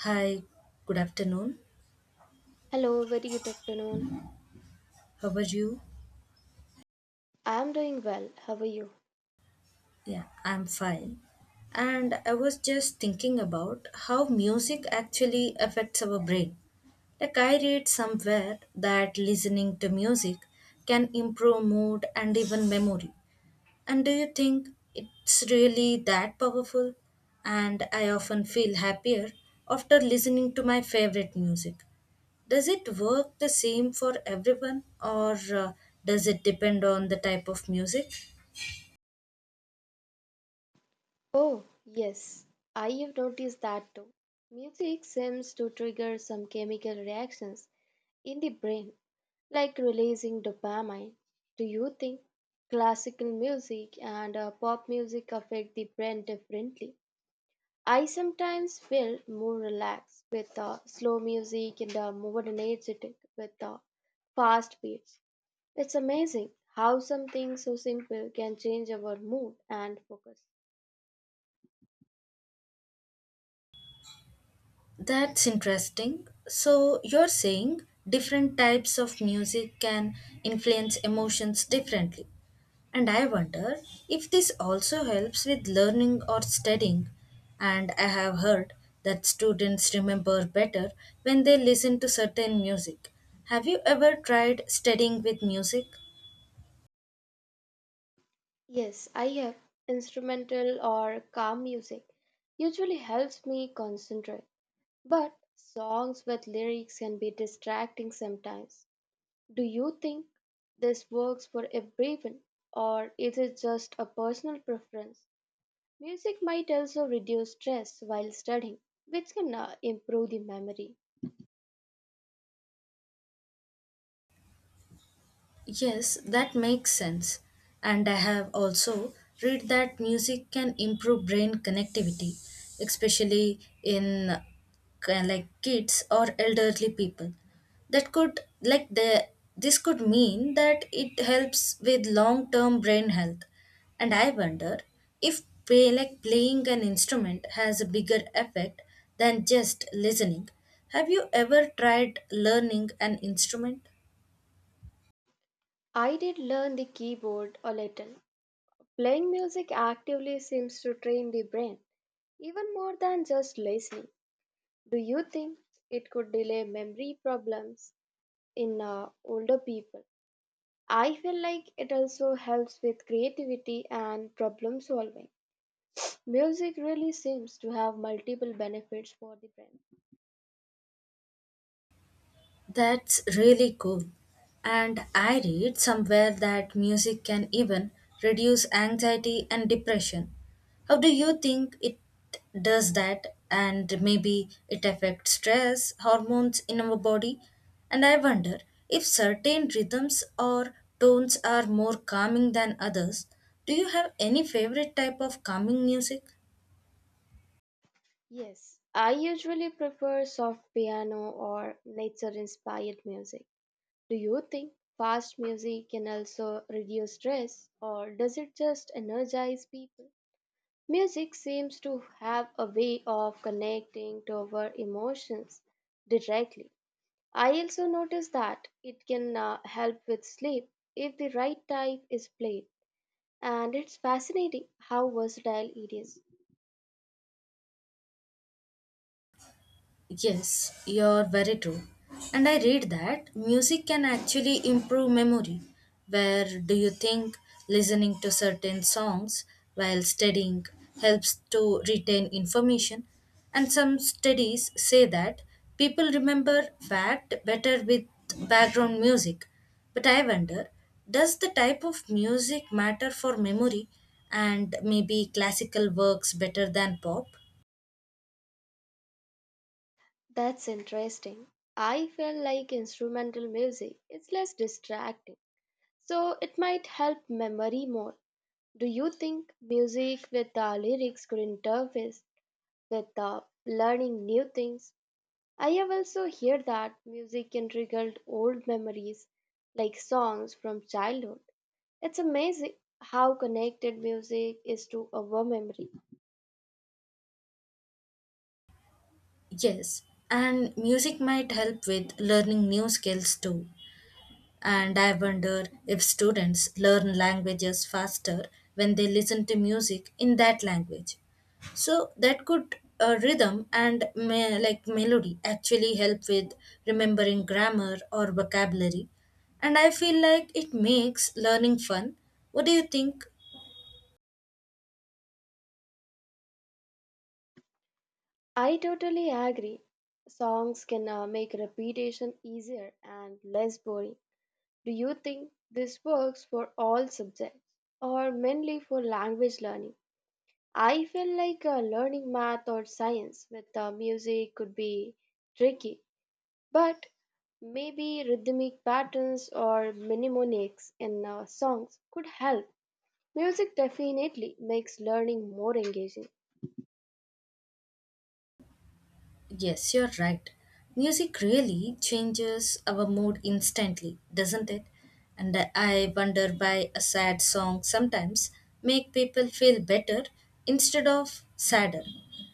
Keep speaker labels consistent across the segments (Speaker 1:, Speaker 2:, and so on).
Speaker 1: Hi, good afternoon.
Speaker 2: Hello, very good afternoon.
Speaker 1: How are you?
Speaker 2: I am doing well. How are you?
Speaker 1: Yeah, I'm fine. And I was just thinking about how music actually affects our brain. Like, I read somewhere that listening to music can improve mood and even memory. And do you think it's really that powerful? And I often feel happier after listening to my favorite music. Does it work the same for everyone, or does it depend on the type of music?
Speaker 2: Oh, yes, I have noticed that too. Music seems to trigger some chemical reactions in the brain, like releasing dopamine. Do you think classical music and pop music affect the brain differently? I sometimes feel more relaxed with slow music and more energetic with fast beats. It's amazing how something so simple can change our mood and focus.
Speaker 1: That's interesting. So you're saying different types of music can influence emotions differently. And I wonder if this also helps with learning or studying. And I have heard that students remember better when they listen to certain music. Have you ever tried studying with music?
Speaker 2: Yes, I have instrumental or calm music. Usually helps me concentrate, but songs with lyrics can be distracting sometimes. Do you think this works for everyone or is it just a personal preference? Music might also reduce stress while studying, which can improve the memory.
Speaker 1: Yes, that makes sense. And I have also read that music can improve brain connectivity, especially in like kids or elderly people. That could like the this could mean that it helps with long-term brain health. And I wonder if playing an instrument has a bigger effect than just listening. Have you ever tried learning an instrument?
Speaker 2: I did learn the keyboard a little. Playing music actively seems to train the brain even more than just listening. Do you think it could delay memory problems in older people? I feel like it also helps with creativity and problem solving. Music really seems to have multiple benefits for the brain.
Speaker 1: That's really cool. And I read somewhere that music can even reduce anxiety and depression. How do you think it does that? And maybe it affects stress hormones in our body. And I wonder if certain rhythms or tones are more calming than others. Do you have any favorite type of calming music?
Speaker 2: Yes, I usually prefer soft piano or nature inspired music. Do you think fast music can also reduce stress or does it just energize people? Music seems to have a way of connecting to our emotions directly. I also noticed that it can help with sleep if the right type is played. And it's fascinating how versatile it is.
Speaker 1: Yes, you're very true. And I read that music can actually improve memory. Where do you think listening to certain songs while studying helps to retain information? And some studies say that people remember fact better with background music. But I wonder, does the type of music matter for memory, and maybe classical works better than pop?
Speaker 2: That's interesting. I feel like instrumental music is less distracting, so it might help memory more. Do you think music with the lyrics could interface with the learning new things? I have also heard that music can trigger old memories like songs from childhood. It's amazing how connected music is to our memory.
Speaker 1: Yes, and music might help with learning new skills too. And I wonder if students learn languages faster when they listen to music in that language. So that could rhythm and me- like melody actually help with remembering grammar or vocabulary. And I feel like it makes learning fun. What do you think?
Speaker 2: I totally agree. Songs can make repetition easier and less boring. Do you think this works for all subjects or mainly for language learning? I feel like learning math or science with music could be tricky, but maybe rhythmic patterns or mnemonics in songs could help. Music definitely makes learning more engaging.
Speaker 1: Yes, you're right. Music really changes our mood instantly, doesn't it? And I wonder why a sad song sometimes make people feel better instead of sadder.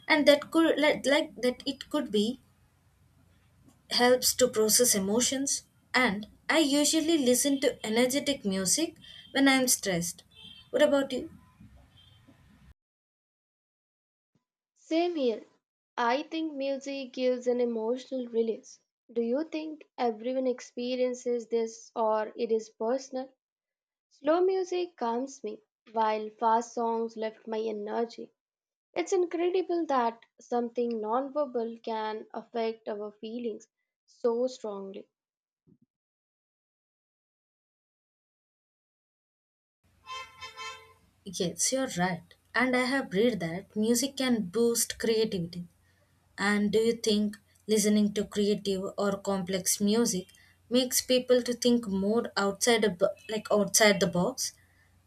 Speaker 1: And that could like that it could be helps to process emotions, and I usually listen to energetic music when I'm stressed. What about you?
Speaker 2: Same here. I think music gives an emotional release. Do you think everyone experiences this or it is personal? Slow music calms me, while fast songs lift my energy. It's incredible that something nonverbal can affect our feelings so strongly.
Speaker 1: Yes, you're right. And I have read that music can boost creativity. And do you think listening to creative or complex music makes people to think more outside a like outside the box?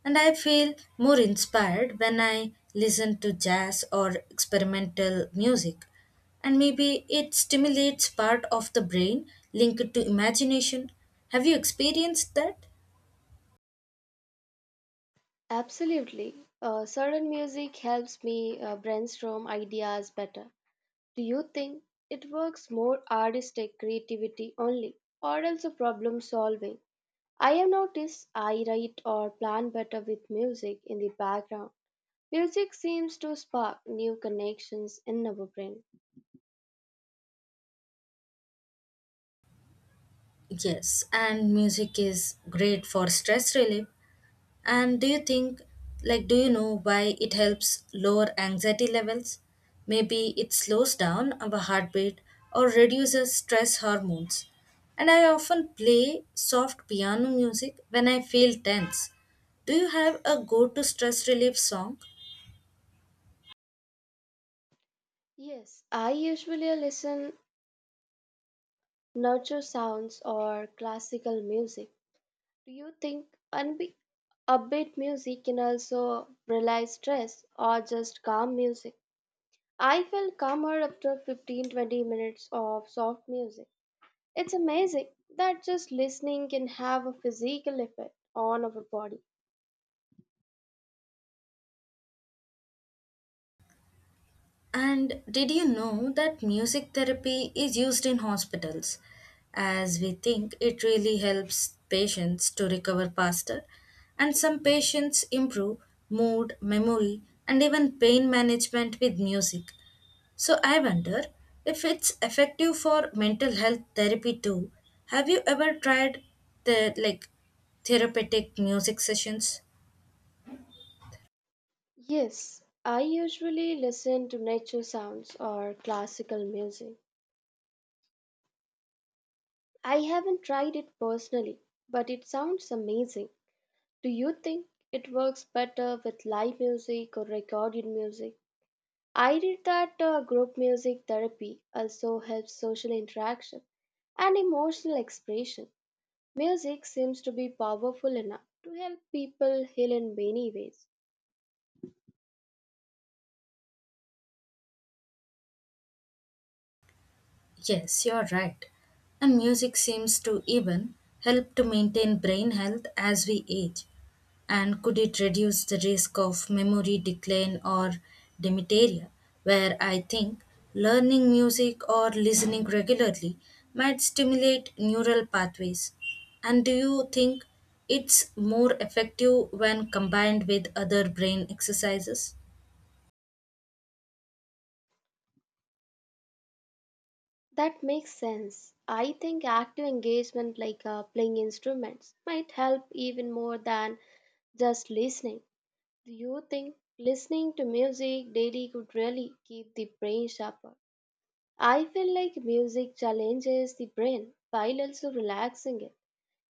Speaker 1: And I feel more inspired when I listen to jazz or experimental music. And maybe it stimulates part of the brain linked to imagination. Have you experienced that?
Speaker 2: Absolutely. Certain music helps me brainstorm ideas better. Do you think it works more artistic creativity only or also problem solving? I have noticed I write or plan better with music in the background. Music seems to spark new connections in our brain.
Speaker 1: Yes, and music is great for stress relief. And do you think, like, do you know why it helps lower anxiety levels? Maybe it slows down our heartbeat or reduces stress hormones. And I often play soft piano music when I feel tense. Do you have a go to stress relief song?
Speaker 2: Yes, I usually listen nurture sounds or classical music. Do you think unbe- upbeat music can also relieve stress or just calm music? I feel calmer after 15, 20 minutes of soft music. It's amazing that just listening can have a physical effect on our body.
Speaker 1: And did you know that music therapy is used in hospitals? As we think it really helps patients to recover faster, and some patients improve mood, memory, and even pain management with music. So I wonder if it's effective for mental health therapy too. Have you ever tried the like therapeutic music sessions?
Speaker 2: Yes, I usually listen to nature sounds or classical music. I haven't tried it personally, but it sounds amazing. Do you think it works better with live music or recorded music? I read that group music therapy also helps social interaction and emotional expression. Music seems to be powerful enough to help people heal in many ways.
Speaker 1: Yes, you're right. And music seems to even help to maintain brain health as we age. And could it reduce the risk of memory decline or dementia, where I think learning music or listening regularly might stimulate neural pathways? And do you think it's more effective when combined with other brain exercises?
Speaker 2: That makes sense. I think active engagement, like playing instruments, might help even more than just listening. Do you think listening to music daily could really keep the brain sharper? I feel like music challenges the brain while also relaxing it.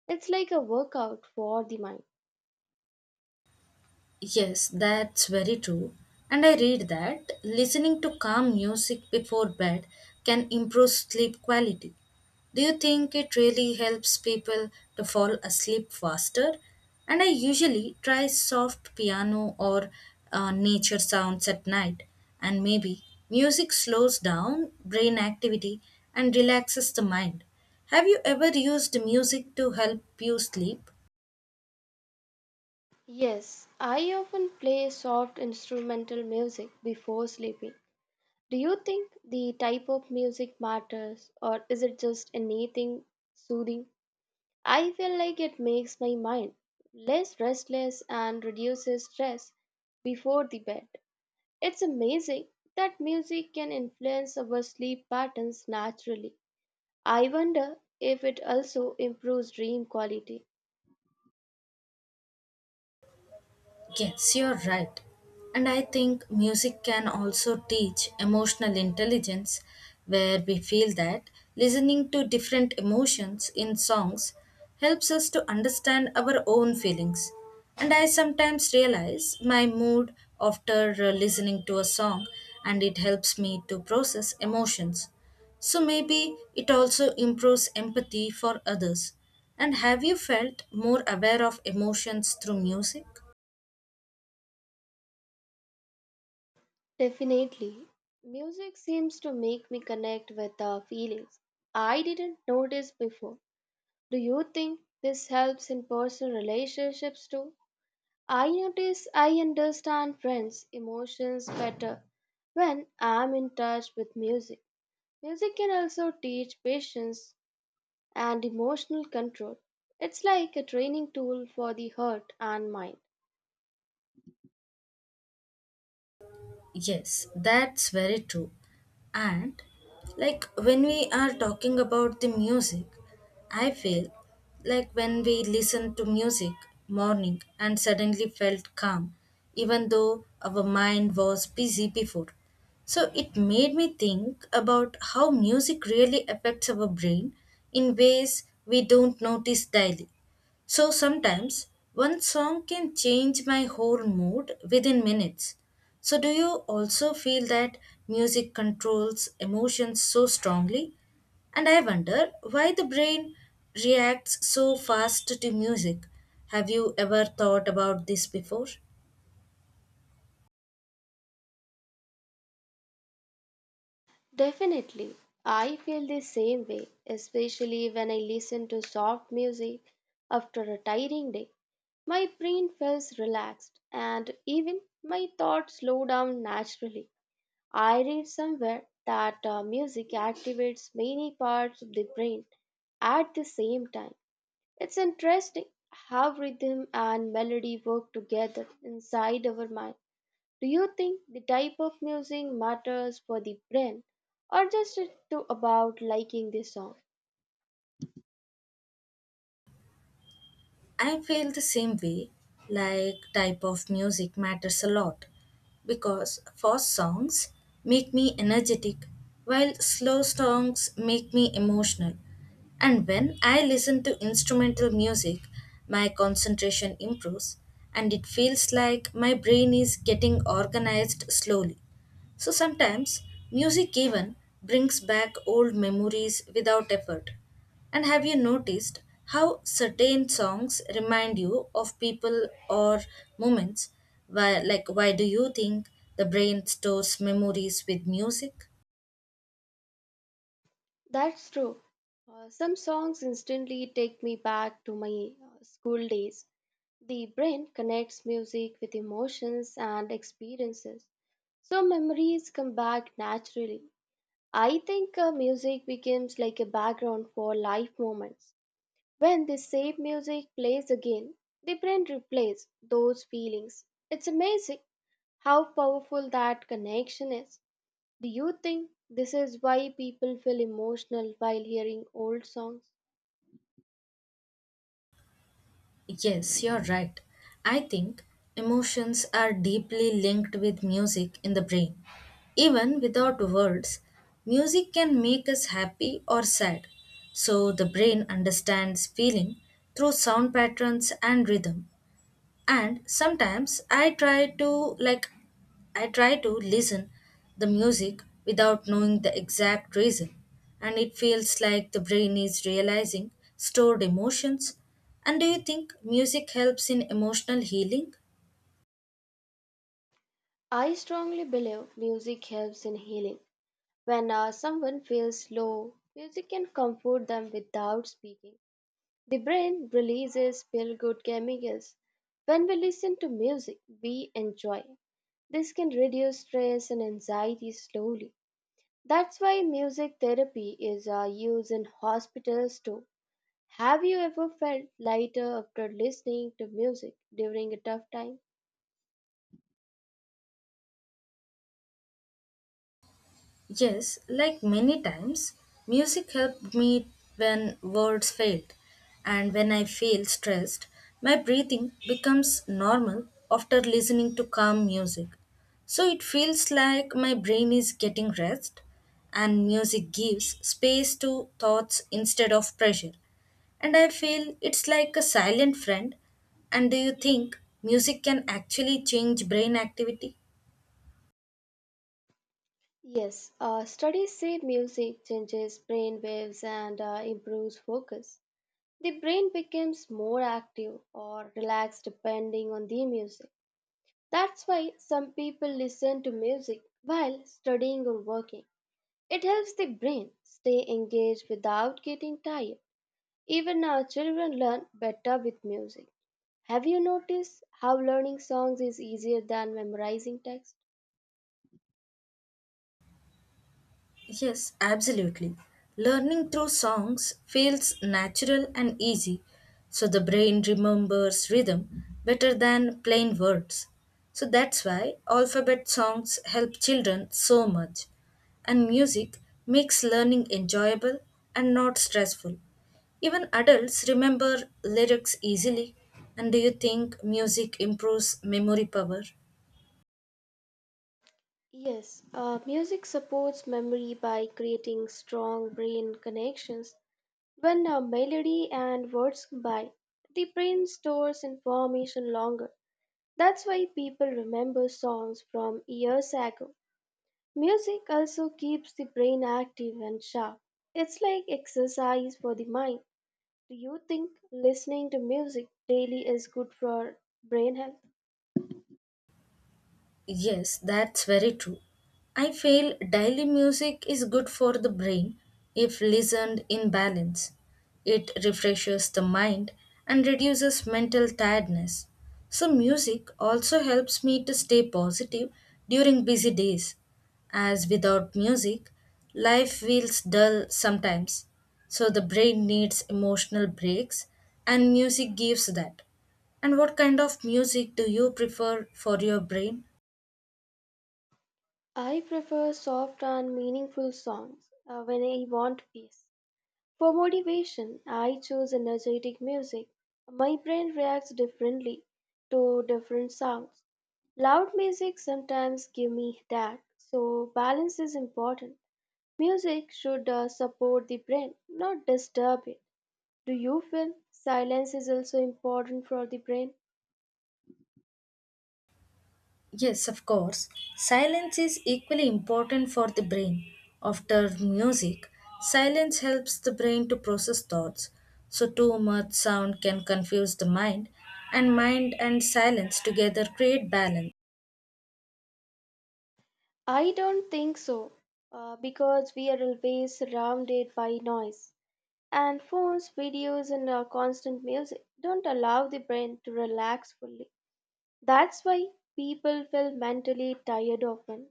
Speaker 2: It's like a workout for the mind.
Speaker 1: Yes, that's very true. And I read that listening to calm music before bed can improve sleep quality. Do you think it really helps people to fall asleep faster? And I usually try soft piano or nature sounds at night. And maybe music slows down brain activity and relaxes the mind. Have you ever used music to help you sleep?
Speaker 2: Yes, I often play soft instrumental music before sleeping. Do you think the type of music matters or is it just anything soothing? I feel like it makes my mind less restless and reduces stress before the bed. It's amazing that music can influence our sleep patterns naturally. I wonder if it also improves dream quality.
Speaker 1: Yes, you're right. And I think music can also teach emotional intelligence, where we feel that listening to different emotions in songs helps us to understand our own feelings. And I sometimes realize my mood after listening to a song, and it helps me to process emotions. So maybe it also improves empathy for others. And have you felt more aware of emotions through music?
Speaker 2: Definitely. Music seems to make me connect with the feelings I didn't notice before. Do you think this helps in personal relationships too? I notice I understand friends' emotions better when I'm in touch with music. Music can also teach patience and emotional control. It's like a training tool for the heart and mind.
Speaker 1: Yes, that's very true. And like when we are talking about the music, I feel like when we listen to music morning and suddenly felt calm, even though our mind was busy before. So it made me think about how music really affects our brain in ways we don't notice daily. So sometimes one song can change my whole mood within minutes. So, do you also feel that music controls emotions so strongly? And I wonder why the brain reacts so fast to music. Have you ever thought about this before?
Speaker 2: Definitely. I feel the same way, especially when I listen to soft music after a tiring day. My brain feels relaxed and even my thoughts slow down naturally. I read somewhere that music activates many parts of the brain at the same time. It's interesting how rhythm and melody work together inside our mind. Do you think the type of music matters for the brain or just it to about liking the song?
Speaker 1: I feel the same way, like type of music matters a lot because fast songs make me energetic while slow songs make me emotional. And when I listen to instrumental music, my concentration improves and it feels like my brain is getting organized slowly. So sometimes music even brings back old memories without effort. And have you noticed how certain songs remind you of people or moments? Why do you think the brain stores memories with music?
Speaker 2: That's true. Some songs instantly take me back to my school days. The brain connects music with emotions and experiences, so memories come back naturally. I think music becomes like a background for life moments. When the same music plays again, the brain replays those feelings. It's amazing how powerful that connection is. Do you think this is why people feel emotional while hearing old songs?
Speaker 1: Yes, you're right. I think emotions are deeply linked with music in the brain. Even without words, music can make us happy or sad. So the brain understands feeling through sound patterns and rhythm. And sometimes I try to listen the music without knowing the exact reason, and it feels like the brain is realizing stored emotions. And do you think music helps in emotional healing?
Speaker 2: I strongly believe music helps in healing. When someone feels low, music can comfort them without speaking. The brain releases feel good chemicals. When we listen to music, we enjoy it. This can reduce stress and anxiety slowly. That's why music therapy is used in hospitals too. Have you ever felt lighter after listening to music during a tough time?
Speaker 1: Yes, like many times, music helped me when words failed. And when I feel stressed, my breathing becomes normal after listening to calm music. So it feels like my brain is getting rest, and music gives space to thoughts instead of pressure. And I feel it's like a silent friend. And do you think music can actually change brain activity?
Speaker 2: Yes, studies say music changes brain waves and improves focus. The brain becomes more active or relaxed depending on the music. That's why some people listen to music while studying or working. It helps the brain stay engaged without getting tired. Even our children learn better with music. Have you noticed how learning songs is easier than memorizing text?
Speaker 1: Yes, absolutely. Learning through songs feels natural and easy, so the brain remembers rhythm better than plain words. So that's why alphabet songs help children so much. And music makes learning enjoyable and not stressful. Even adults remember lyrics easily. And do you think music improves memory power?
Speaker 2: Yes, music supports memory by creating strong brain connections. When a melody and words combine, the brain stores information longer. That's why people remember songs from years ago. Music also keeps the brain active and sharp. It's like exercise for the mind. Do you think listening to music daily is good for brain health?
Speaker 1: Yes, that's very true. I feel daily music is good for the brain if listened in balance. It refreshes the mind and reduces mental tiredness. So, music also helps me to stay positive during busy days, as without music, life feels dull sometimes. So, the brain needs emotional breaks, and music gives that. And what kind of music do you prefer for your brain?
Speaker 2: I prefer soft and meaningful songs when I want peace. For motivation, I choose energetic music. My brain reacts differently to different sounds. Loud music sometimes give me that, so balance is important. Music should support the brain, not disturb it. Do you feel silence is also important for the brain?
Speaker 1: Yes, of course. Silence is equally important for the brain. After music, silence helps the brain to process thoughts. So too much sound can confuse the mind and silence together create balance.
Speaker 2: I don't think so, because we are always surrounded by noise. And phones, videos, and constant music don't allow the brain to relax fully. That's why people feel mentally tired often.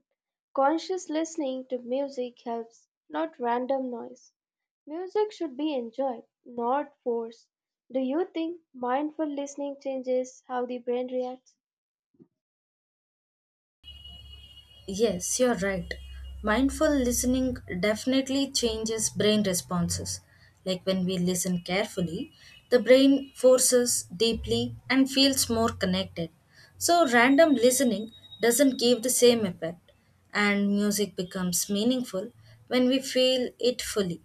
Speaker 2: Conscious listening to music helps, not random noise. Music should be enjoyed, not forced. Do you think mindful listening changes how the brain reacts?
Speaker 1: Yes, you're right. Mindful listening definitely changes brain responses. Like when we listen carefully, the brain forces deeply and feels more connected. So, random listening doesn't give the same effect, and music becomes meaningful when we feel it fully.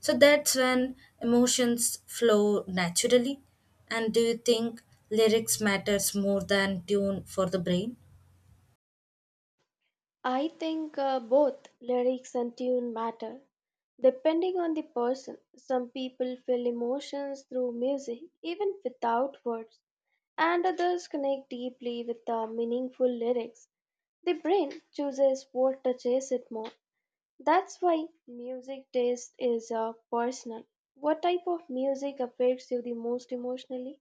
Speaker 1: So, that's when emotions flow naturally. And do you think lyrics matters more than tune for the brain?
Speaker 2: I think both lyrics and tune matter. Depending on the person, some people feel emotions through music even without words, and others connect deeply with the meaningful lyrics. The brain chooses what touches it more. That's why music taste is personal. What type of music affects you the most emotionally?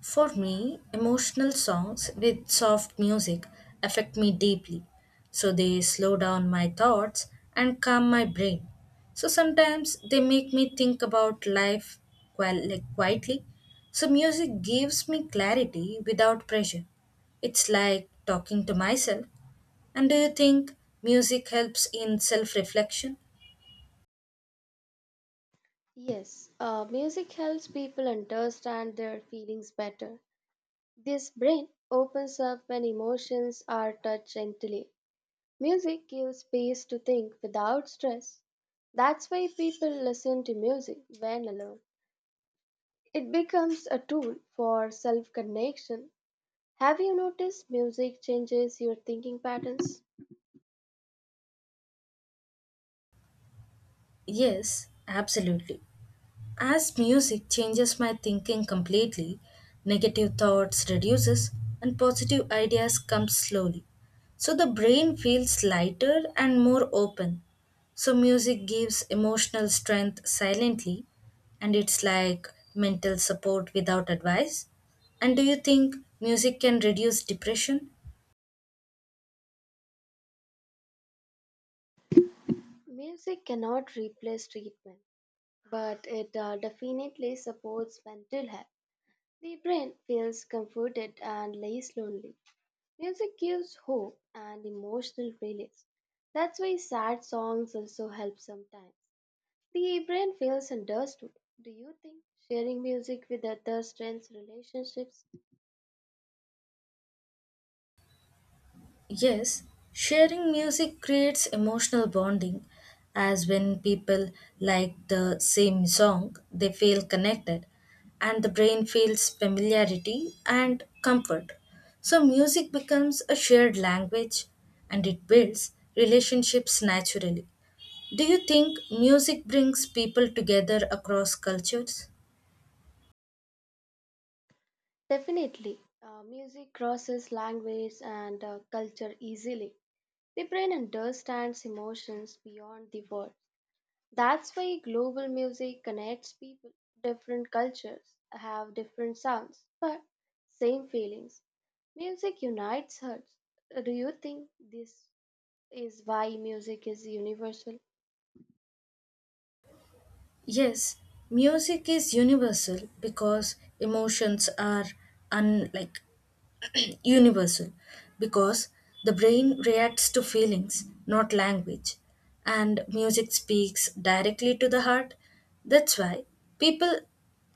Speaker 1: For me, emotional songs with soft music affect me deeply. So they slow down my thoughts and calm my brain. So sometimes they make me think about life quietly. So music gives me clarity without pressure. It's like talking to myself. And do you think music helps in self reflection?
Speaker 2: Yes, music helps people understand their feelings better. This brain opens up when emotions are touched gently. Music gives space to think without stress. That's why people listen to music when alone. It becomes a tool for self connection. Have you noticed music changes your thinking patterns?
Speaker 1: Yes, absolutely. As music changes my thinking completely, negative thoughts reduces and positive ideas come slowly. So the brain feels lighter and more open. So music gives emotional strength silently, and it's like mental support without advice. And do you think music can reduce depression?
Speaker 2: Music cannot replace treatment, but it definitely supports mental health. The brain feels comforted and less lonely. Music gives hope and emotional release. That's why sad songs also help sometimes. The brain feels understood. Do you think sharing music with others strengthens relationships?
Speaker 1: Yes, sharing music creates emotional bonding, as when people like the same song, they feel connected, and the brain feels familiarity and comfort. So, music becomes a shared language and it builds relationships naturally. Do you think music brings people together across cultures?
Speaker 2: Definitely. Music crosses language and culture easily. The brain understands emotions beyond the words. That's why global music connects people. Different cultures have different sounds, but same feelings. Music unites hearts. Do you think this is why music is universal?
Speaker 1: Yes, music is universal because emotions are unlike universal because the brain reacts to feelings, not language, and music speaks directly to the heart. That's why people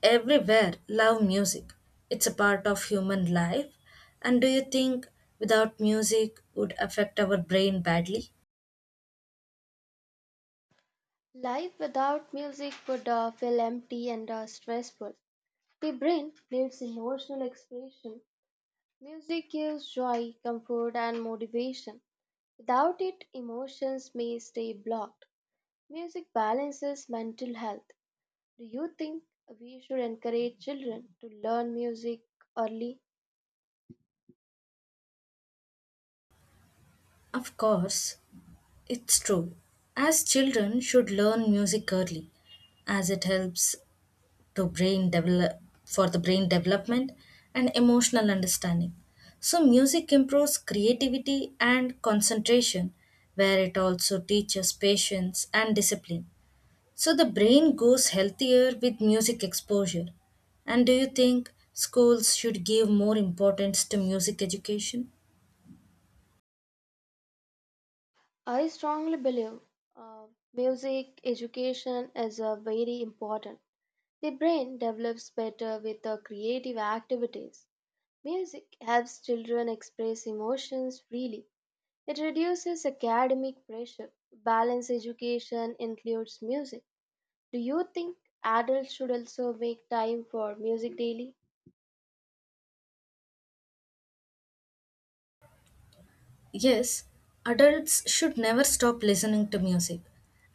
Speaker 1: everywhere love music. It's a part of human life. And do you think without music would affect our brain badly?
Speaker 2: Life without music would feel empty and stressful. The brain needs emotional expression. Music gives joy, comfort, and motivation. Without it, emotions may stay blocked. Music balances mental health. Do you think we should encourage children to learn music early?
Speaker 1: Of course, it's true. As children should learn music early, as it helps to brain develop for the brain development and emotional understanding, so music improves creativity and concentration, where it also teaches patience and discipline, so the brain goes healthier with music exposure. And do you think schools should give more importance to music education?
Speaker 2: I strongly believe uh, music education is very important. The brain develops better with creative activities. Music helps children express emotions freely. It reduces academic pressure. Balanced education includes music. Do you think adults should also make time for music daily?
Speaker 1: Yes, adults should never stop listening to music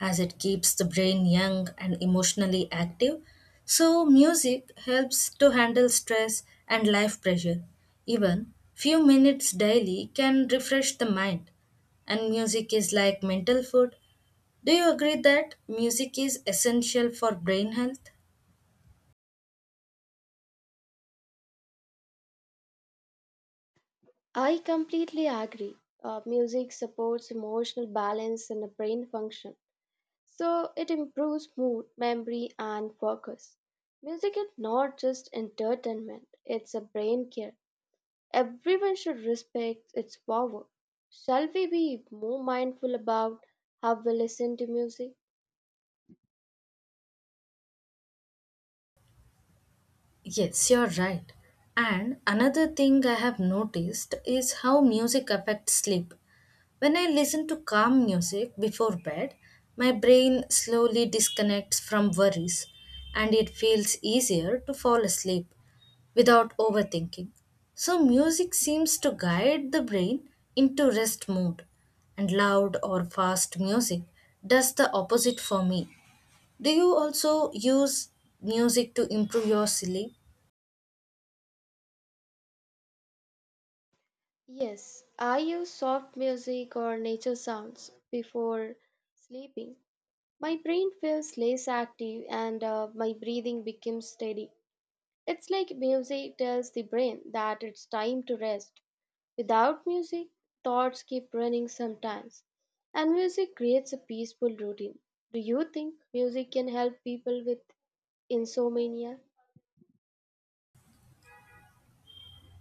Speaker 1: as it keeps the brain young and emotionally active. So, music helps to handle stress and life pressure. Even few minutes daily can refresh the mind. And music is like mental food. Do you agree that music is essential for brain health?
Speaker 2: I completely agree. Music supports emotional balance and the brain function, so it improves mood, memory, and focus. Music is not just entertainment, it's a brain care. Everyone should respect its power. Shall we be more mindful about how we listen to music?
Speaker 1: Yes, you're right. And another thing I have noticed is how music affects sleep. When I listen to calm music before bed, my brain slowly disconnects from worries and it feels easier to fall asleep without overthinking. So, music seems to guide the brain into rest mode, and loud or fast music does the opposite for me. Do you also use music to improve your sleep?
Speaker 2: Yes, I use soft music or nature sounds before sleeping. My brain feels less active and my breathing becomes steady. It's like music tells the brain that it's time to rest. Without music, thoughts keep running sometimes, and music creates a peaceful routine. Do you think music can help people with insomnia?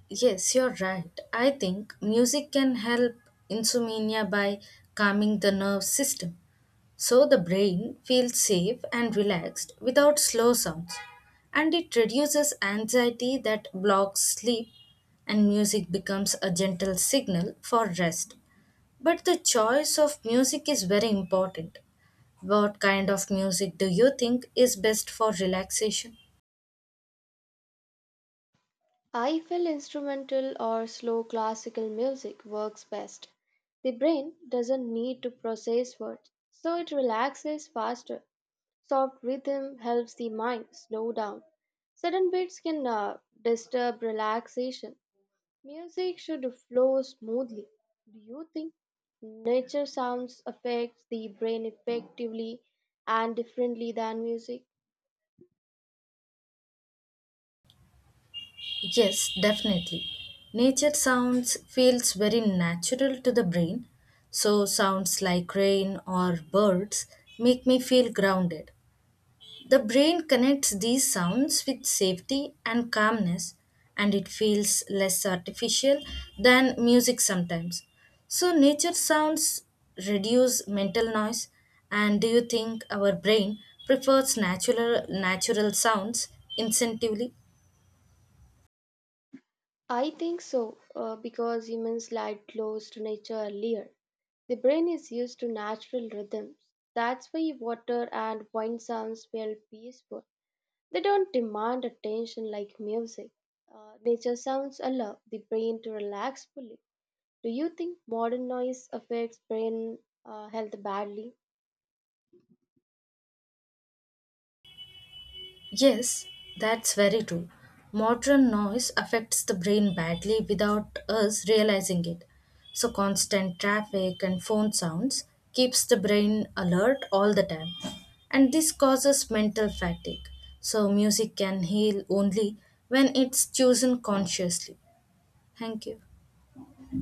Speaker 1: Yes, you're right. I think music can help insomnia by calming the nerve system. So the brain feels safe and relaxed without slow sounds. And it reduces anxiety that blocks sleep, and music becomes a gentle signal for rest. But the choice of music is very important. What kind of music do you think is best for relaxation?
Speaker 2: I feel instrumental or slow classical music works best. The brain doesn't need to process words, so it relaxes faster. Soft rhythm helps the mind slow down. Sudden beats can disturb relaxation. Music should flow smoothly. Do you think nature sounds affects the brain effectively and differently than music?
Speaker 1: Yes, definitely. Nature sounds feels very natural to the brain, so sounds like rain or birds make me feel grounded. The brain connects these sounds with safety and calmness, and it feels less artificial than music sometimes. So nature sounds reduce mental noise, and do you think our brain prefers natural sounds instinctively?
Speaker 2: I think so because humans lie close to nature earlier. The brain is used to natural rhythms. That's why water and wind sounds feel peaceful. They don't demand attention like music. Nature sounds allow the brain to relax fully. Do you think modern noise affects brain health badly?
Speaker 1: Yes, that's very true. Modern noise affects the brain badly without us realizing it. So constant traffic and phone sounds keeps the brain alert all the time. And this causes mental fatigue. So music can heal only when it's chosen consciously. Thank you.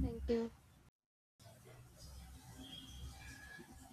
Speaker 2: Thank you.